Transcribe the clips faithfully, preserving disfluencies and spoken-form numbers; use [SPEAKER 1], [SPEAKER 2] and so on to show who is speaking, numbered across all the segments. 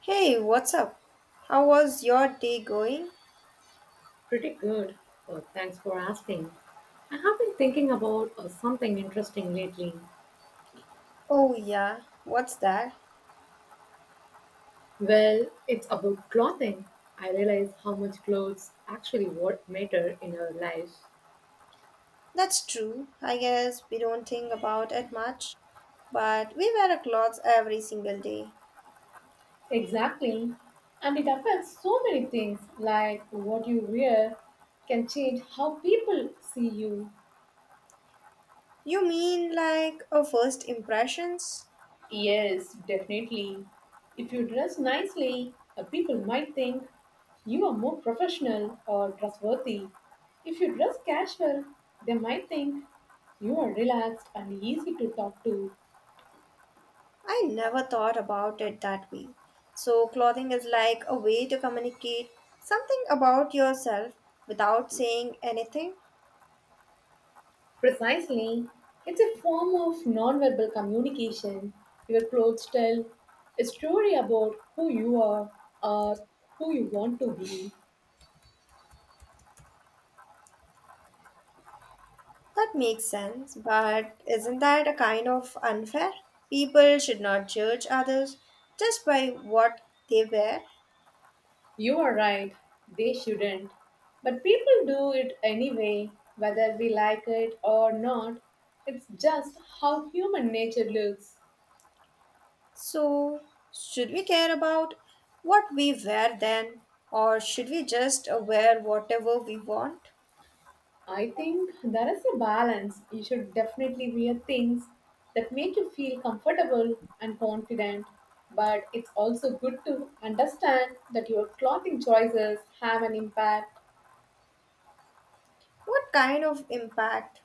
[SPEAKER 1] Hey, what's up? How was your day going?
[SPEAKER 2] Pretty good. Uh, thanks for asking. I have been thinking about uh, something interesting lately.
[SPEAKER 1] Oh, yeah, what's that?
[SPEAKER 2] Well, it's about clothing. I realize how much clothes actually what matter in our lives.
[SPEAKER 1] That's true. I guess we don't think about it much, but we wear our clothes every single day.
[SPEAKER 2] Exactly. And it affects so many things, like what you wear can change how people see you.
[SPEAKER 1] You mean like our first impressions?
[SPEAKER 2] Yes, definitely. If you dress nicely, uh, people might think you are more professional or trustworthy. If you dress casual, they might think you are relaxed and easy to talk to.
[SPEAKER 1] I never thought about it that way. So, clothing is like a way to communicate something about yourself without saying anything.
[SPEAKER 2] Precisely. It's a form of non-verbal communication. Your clothes tell a story about who you are or who you want to be.
[SPEAKER 1] That makes sense, but isn't that a kind of unfair? People should not judge others just by what they wear.
[SPEAKER 2] You are right, they shouldn't. But people do it anyway, whether we like it or not. It's just how human nature looks.
[SPEAKER 1] So, should we care about what we wear then, or should we just uh, wear whatever we want?
[SPEAKER 2] I think there is a balance. You should definitely wear things that make you feel comfortable and confident. But it's also good to understand that your clothing choices have an impact.
[SPEAKER 1] What kind of impact?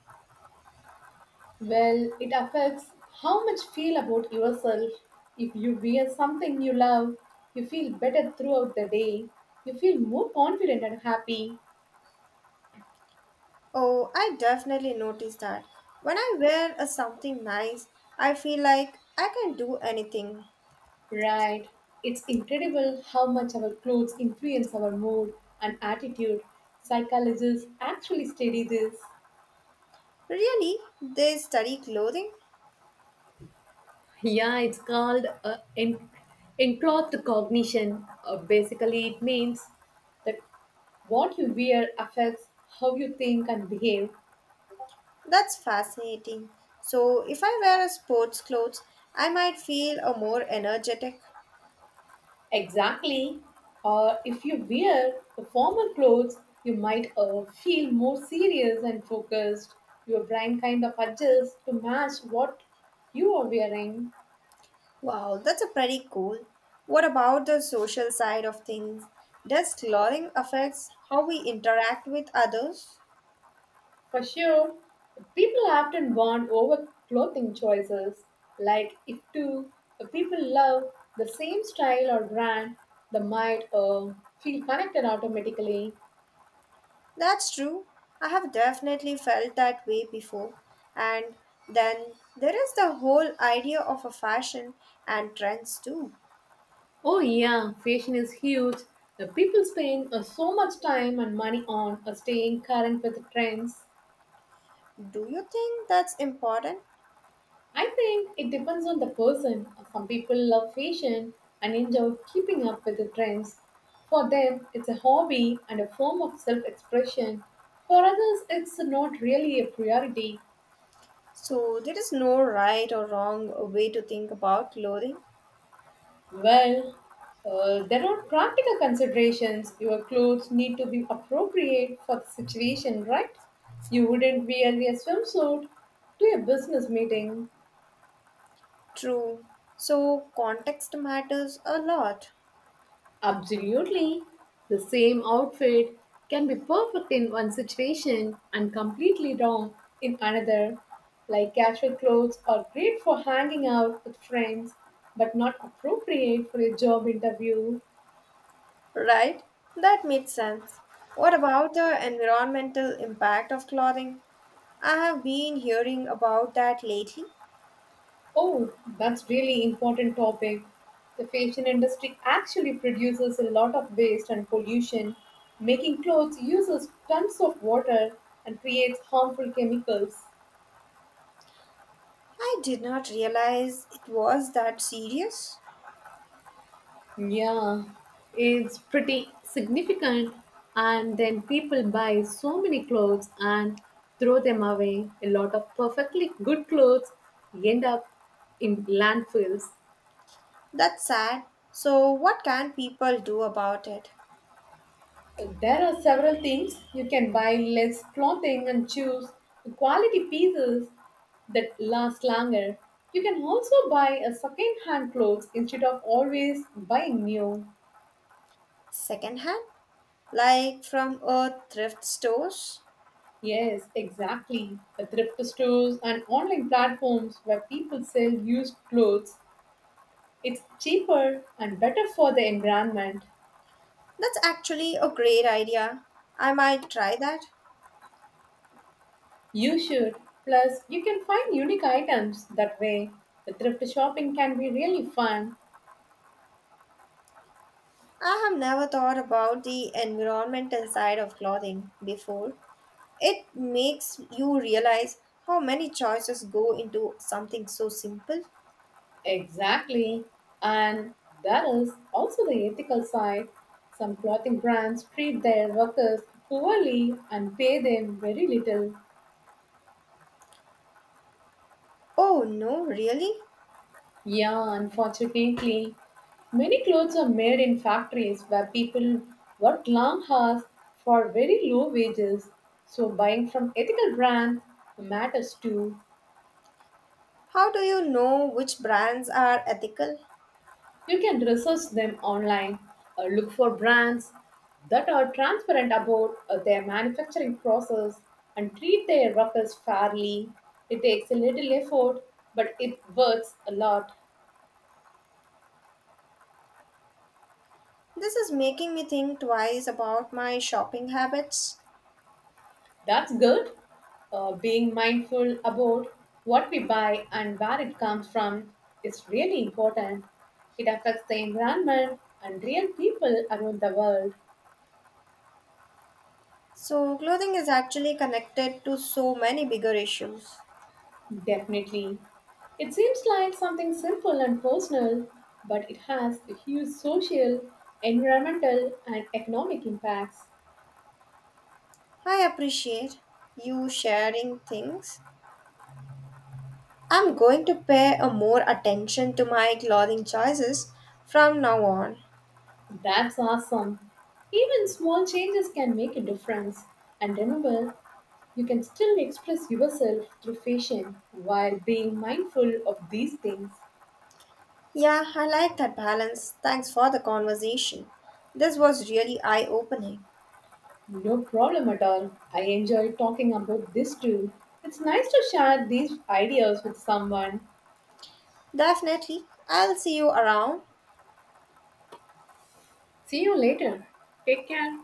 [SPEAKER 2] Well, it affects how much you feel about yourself. If you wear something you love, you feel better throughout the day. You feel more confident and happy.
[SPEAKER 1] Oh, I definitely notice that. When I wear a something nice, I feel like I can do anything.
[SPEAKER 2] Right. It's incredible how much our clothes influence our mood and attitude. Psychologists actually study this.
[SPEAKER 1] Really? They study clothing?
[SPEAKER 2] Yeah, it's called uh, en- enclothed cognition. Uh, basically, it means that what you wear affects how you think and behave.
[SPEAKER 1] That's fascinating. So, if I wear a sports clothes, I might feel a more energetic.
[SPEAKER 2] Exactly. Or if you wear the formal clothes, you might uh, feel more serious and focused. Your brain kind of adjusts to match what you are wearing.
[SPEAKER 1] Wow, that's a pretty cool. What about the social side of things? Does clothing affects how we interact with others?
[SPEAKER 2] For sure, people often bond over clothing choices. Like if two uh, people love the same style or brand, they might uh, feel connected automatically.
[SPEAKER 1] That's true. I have definitely felt that way before. And then there is the whole idea of a fashion and trends too.
[SPEAKER 2] Oh yeah, fashion is huge. The people spend uh, so much time and money on uh, staying current with the trends.
[SPEAKER 1] Do you think that's important?
[SPEAKER 2] I think it depends on the person. Some people love fashion and enjoy keeping up with the trends. For them, it's a hobby and a form of self-expression. For others, it's not really a priority.
[SPEAKER 1] So, there is no right or wrong way to think about clothing.
[SPEAKER 2] Well, uh, there are practical considerations. Your clothes need to be appropriate for the situation, right? You wouldn't wear a swimsuit to a business meeting.
[SPEAKER 1] True. So, context matters a lot,
[SPEAKER 2] Absolutely. The same outfit can be perfect in one situation and completely wrong in another. Like casual clothes are great for hanging out with friends, but not appropriate for a job interview.
[SPEAKER 1] right? That makes sense. What about the environmental impact of clothing? I have been hearing about that lately.
[SPEAKER 2] Oh, that's really important topic. The fashion industry actually produces a lot of waste and pollution. Making clothes uses tons of water and creates harmful chemicals.
[SPEAKER 1] I did not realize it was that serious.
[SPEAKER 2] Yeah, it's pretty significant. And then people buy so many clothes and throw them away. A lot of perfectly good clothes end up in landfills.
[SPEAKER 1] That's sad. So, what can people do about it?
[SPEAKER 2] There are several things you can buy less clothing and choose quality pieces that last longer. You can also buy a second-hand clothes instead of always buying new.
[SPEAKER 1] Secondhand? Like from a thrift stores?
[SPEAKER 2] Yes, exactly. The thrift stores and online platforms where people sell used clothes. It's cheaper and better for the environment.
[SPEAKER 1] That's actually a great idea. I might try that.
[SPEAKER 2] You should. Plus, you can find unique items that way. The thrift shopping can be really fun.
[SPEAKER 1] I have never thought about the environmental side of clothing before. It makes you realize how many choices go into something so simple.
[SPEAKER 2] Exactly. And that is also the ethical side. Some clothing brands treat their workers poorly and pay them very little.
[SPEAKER 1] Oh no, really?
[SPEAKER 2] Yeah, unfortunately. Many clothes are made in factories where people work long hours for very low wages. So buying from ethical brands matters too.
[SPEAKER 1] How do you know which brands are ethical?
[SPEAKER 2] You can research them online, uh, look for brands that are transparent about uh, their manufacturing process, and treat their workers fairly. It takes a little effort, but it works a lot.
[SPEAKER 1] This is making me think twice about my shopping habits.
[SPEAKER 2] That's good. Uh, being mindful about what we buy and where it comes from is really important. It affects the environment and real people around the world.
[SPEAKER 1] So, clothing is actually connected to so many bigger issues.
[SPEAKER 2] Definitely. It seems like something simple and personal, but it has a huge social, environmental, and economic impacts.
[SPEAKER 1] I appreciate you sharing things. I'm going to pay a more attention to my clothing choices from now on.
[SPEAKER 2] That's awesome. Even small changes can make a difference. And remember, you can still express yourself through fashion while being mindful of these things.
[SPEAKER 1] Yeah, I like that balance. Thanks for the conversation. This was really eye opening.
[SPEAKER 2] No problem at all. I enjoy talking about this too. It's nice to share these ideas with someone.
[SPEAKER 1] Definitely. I'll see you around.
[SPEAKER 2] See you later. Take care.